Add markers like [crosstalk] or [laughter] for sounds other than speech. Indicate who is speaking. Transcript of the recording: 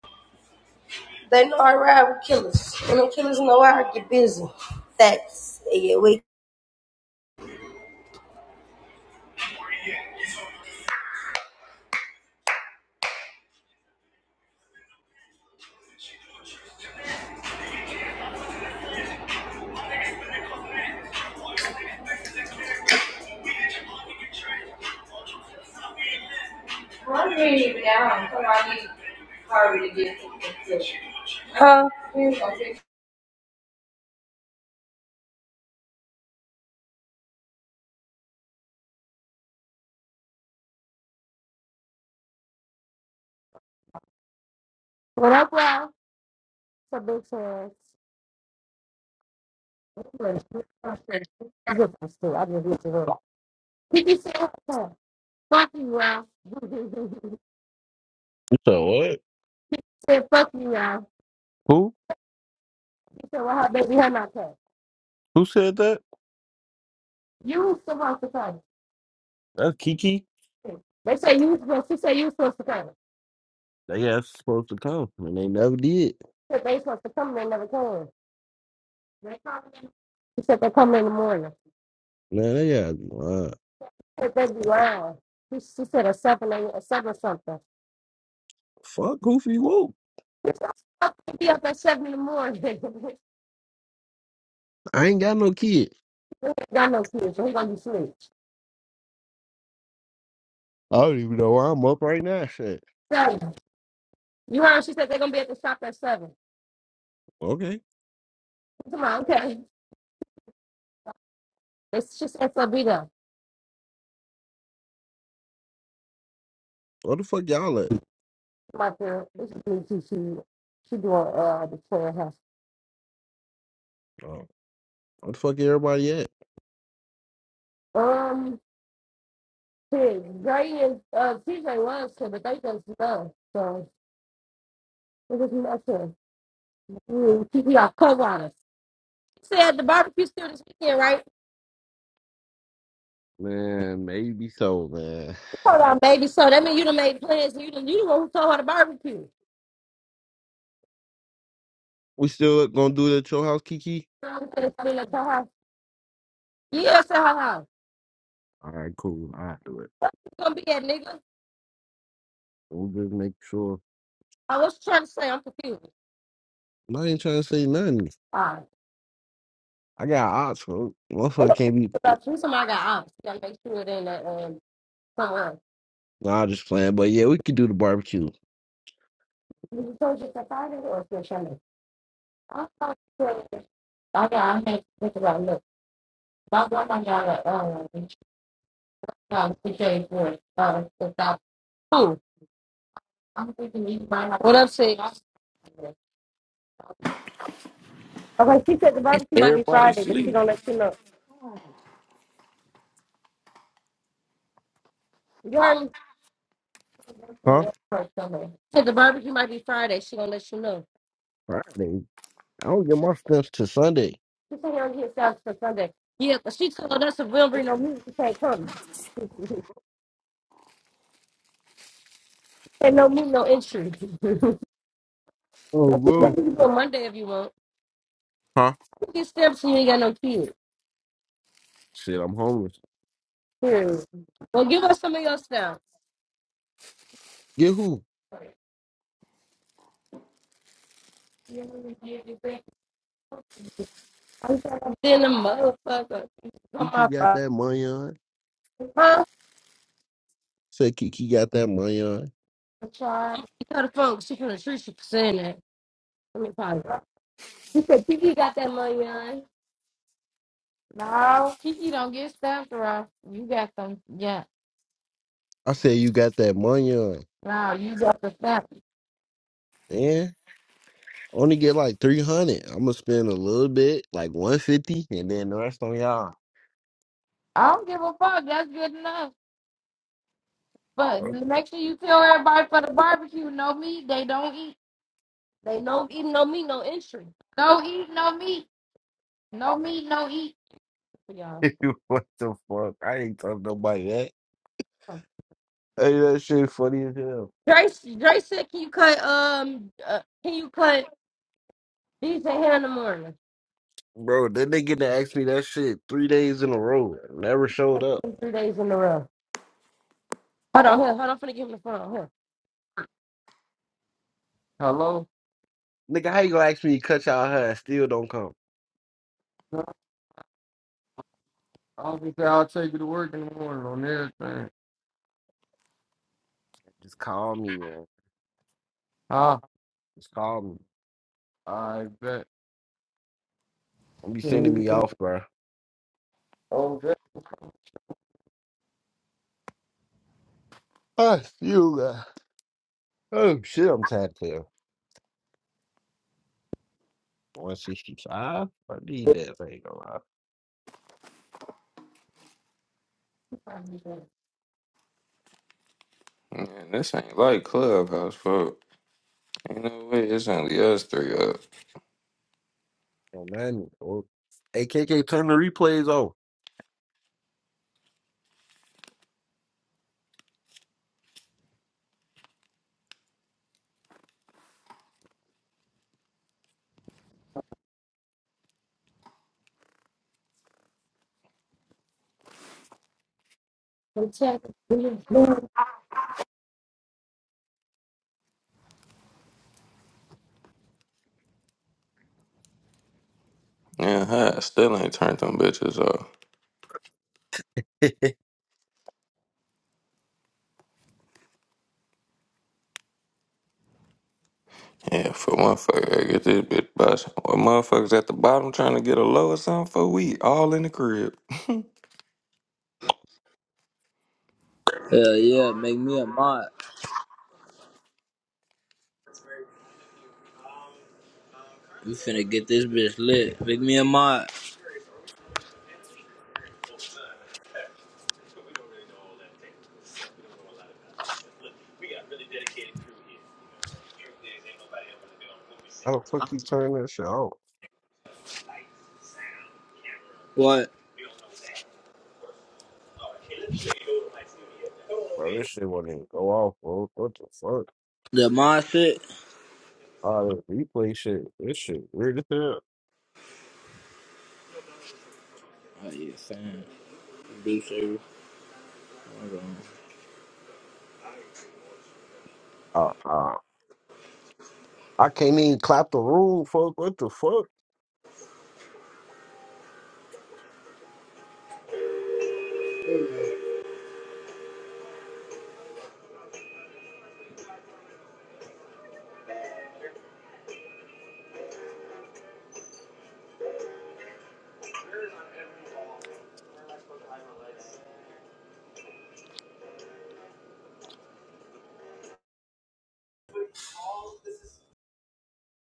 Speaker 1: They know I ride with killers, and the killers know I get busy. Facts. Yeah, we. Huh? When I go out to big fans, I'm just looking for Kiki said, "Huh, fuck you, Ralph. [laughs]
Speaker 2: So what?
Speaker 1: said, fuck you, Ralph.
Speaker 2: Who?
Speaker 1: She said, well, her baby, her not come.
Speaker 2: Who said that?
Speaker 1: You was supposed to come.
Speaker 2: That's Kiki.
Speaker 1: They say you was supposed, she said you was supposed to come.
Speaker 2: They guys supposed to come, and they never did.
Speaker 1: said they supposed to come, and they never came. They come- She said they come in the morning.
Speaker 2: Man, they got uh,
Speaker 1: said they be lying. She, she said a seven, a, a seven something.
Speaker 2: fuck Goofy Whoop.
Speaker 1: I'll be up at seven in the morning. [laughs] we
Speaker 2: I ain't got no kid.
Speaker 1: ain't got no kids, so we gonna be asleep.
Speaker 2: I don't even know why I'm up right now. Shit.
Speaker 1: Seven. You heard she said they're gonna be at the shop at seven.
Speaker 2: Okay.
Speaker 1: Come on, okay. It's just SLB though.
Speaker 2: What the fuck y'all at?
Speaker 1: My girl, it's just me too. She she doing uh the prayer house.
Speaker 2: Oh, what the fuck everybody at?
Speaker 1: Um, kids, Gray and uh TJ was here, but they just left. So it was nothing. Mm, Kiki got cover on us. Said the barbecue still this weekend, right?
Speaker 2: Man, maybe so, man.
Speaker 1: Hold on, baby. So that mean you done made plans. and You done you the one who told her to barbecue.
Speaker 2: We still gonna do it at your house, Kiki?
Speaker 1: I her. Yeah, say hello.
Speaker 2: All right, cool. I do it.
Speaker 1: You gonna be that nigga?
Speaker 2: We'll just make sure.
Speaker 1: I was trying to say I'm confused.
Speaker 2: I ain't trying to say nothing.
Speaker 1: Alright.
Speaker 2: I got odds, folks. Motherfucker
Speaker 1: What
Speaker 2: can't be
Speaker 1: About you, somebody got ops. You gotta make sure it ain't that um someone else.
Speaker 2: Nah, just playing. But yeah, we could do the barbecue
Speaker 1: You told you to fight it or if you're trying to. I thought you said- I got I had to think about look. My grandma got a um got a CJ for uh without food. I'm thinking you might not What up, Six? Okay, she said the barbecue might be
Speaker 3: Everybody
Speaker 1: Friday, but she
Speaker 3: sleep.
Speaker 1: gonna let you know. You heard me?
Speaker 2: Huh?
Speaker 1: She said the barbecue might be Friday, she gonna let you know.
Speaker 2: Friday. I don't get my stuff till Sunday.
Speaker 1: She said we'll get salad for Sunday. Yeah, but she told us if we don't bring no meat, we can't come. [laughs] and no meat, no entry. [laughs]
Speaker 2: Oh,
Speaker 1: You
Speaker 2: whoa.
Speaker 1: can Go Monday if you want.
Speaker 2: Huh?
Speaker 1: You get stamps and you ain't got no kids.
Speaker 2: Shit, I'm homeless.
Speaker 1: Period. Well, give us some of your stamps.
Speaker 2: Get who?
Speaker 1: I'm Then the motherfucker on
Speaker 2: Think you
Speaker 1: my
Speaker 2: got
Speaker 1: phone.
Speaker 2: that money on?
Speaker 1: Huh?
Speaker 2: Said Kiki got that money on.
Speaker 1: I'm trying. She got a phone. She gonna treat you for saying that. Let me pause. She said Kiki got that money on. No, Kiki don't get stamped around. You got them.
Speaker 2: I said you got that money on.
Speaker 1: Now you got the snap.
Speaker 2: Man, only get like three hundred. I'm gonna spend a little bit, like one fifty, and then the rest on y'all.
Speaker 1: I don't give a fuck. That's good enough.
Speaker 2: [laughs]
Speaker 1: But make sure you tell everybody for the barbecue, no meat. They don't eat. They no eat, no meat, no entry. No eat, no meat. No meat, no eat. For y'all.
Speaker 2: what the fuck? I ain't told nobody that. Hey, that shit funny as hell,
Speaker 1: Dre, Dre said, can you cut, um, uh, can you cut DJ here in the morning?
Speaker 2: bro. Then they get to ask me that shit three days in a row. Never showed
Speaker 1: That's
Speaker 2: up.
Speaker 1: been Three days in a row. Hold on, here, hold on, I'm finna give him the phone. Here. Hello?
Speaker 2: Nigga, how you gonna ask me to cut y'all hair and still don't come?
Speaker 1: I'll be there. I'll take you to work in the morning on everything.
Speaker 2: Just call me, man.
Speaker 1: Huh?
Speaker 2: Just call me.
Speaker 1: I bet.
Speaker 2: Don't be sending me off, bro.
Speaker 1: Oh,
Speaker 2: Oh, you, uh, oh shit, I'm tired too. 165. I need that thing, gonna lie.
Speaker 1: that.
Speaker 3: Man, this ain't like Clubhouse, fuck. Ain't no way it's only us three up.
Speaker 2: Oh, man. Oh, AKK, turn the replays off.
Speaker 1: protect, we implore.
Speaker 3: Yeah, huh? Still ain't turned them bitches off. Yeah, for motherfucker, I get this bitch bust. What motherfuckers at the bottom trying to get a low or something for we all in the crib.
Speaker 4: Hell yeah, make me a mod. We finna get this bitch lit. Make me a mod.
Speaker 2: [laughs] How the fuck you turn that shit off?
Speaker 4: What?
Speaker 2: Bro, this shit won't even go off, bro. What the fuck?
Speaker 4: The mod shit?
Speaker 2: Oh, this replay shit. This shit weird as hell.
Speaker 4: Oh yeah, fam. Do service. Hold on.
Speaker 2: Uh, uh, I can't even clap the room, fuck. What the fuck?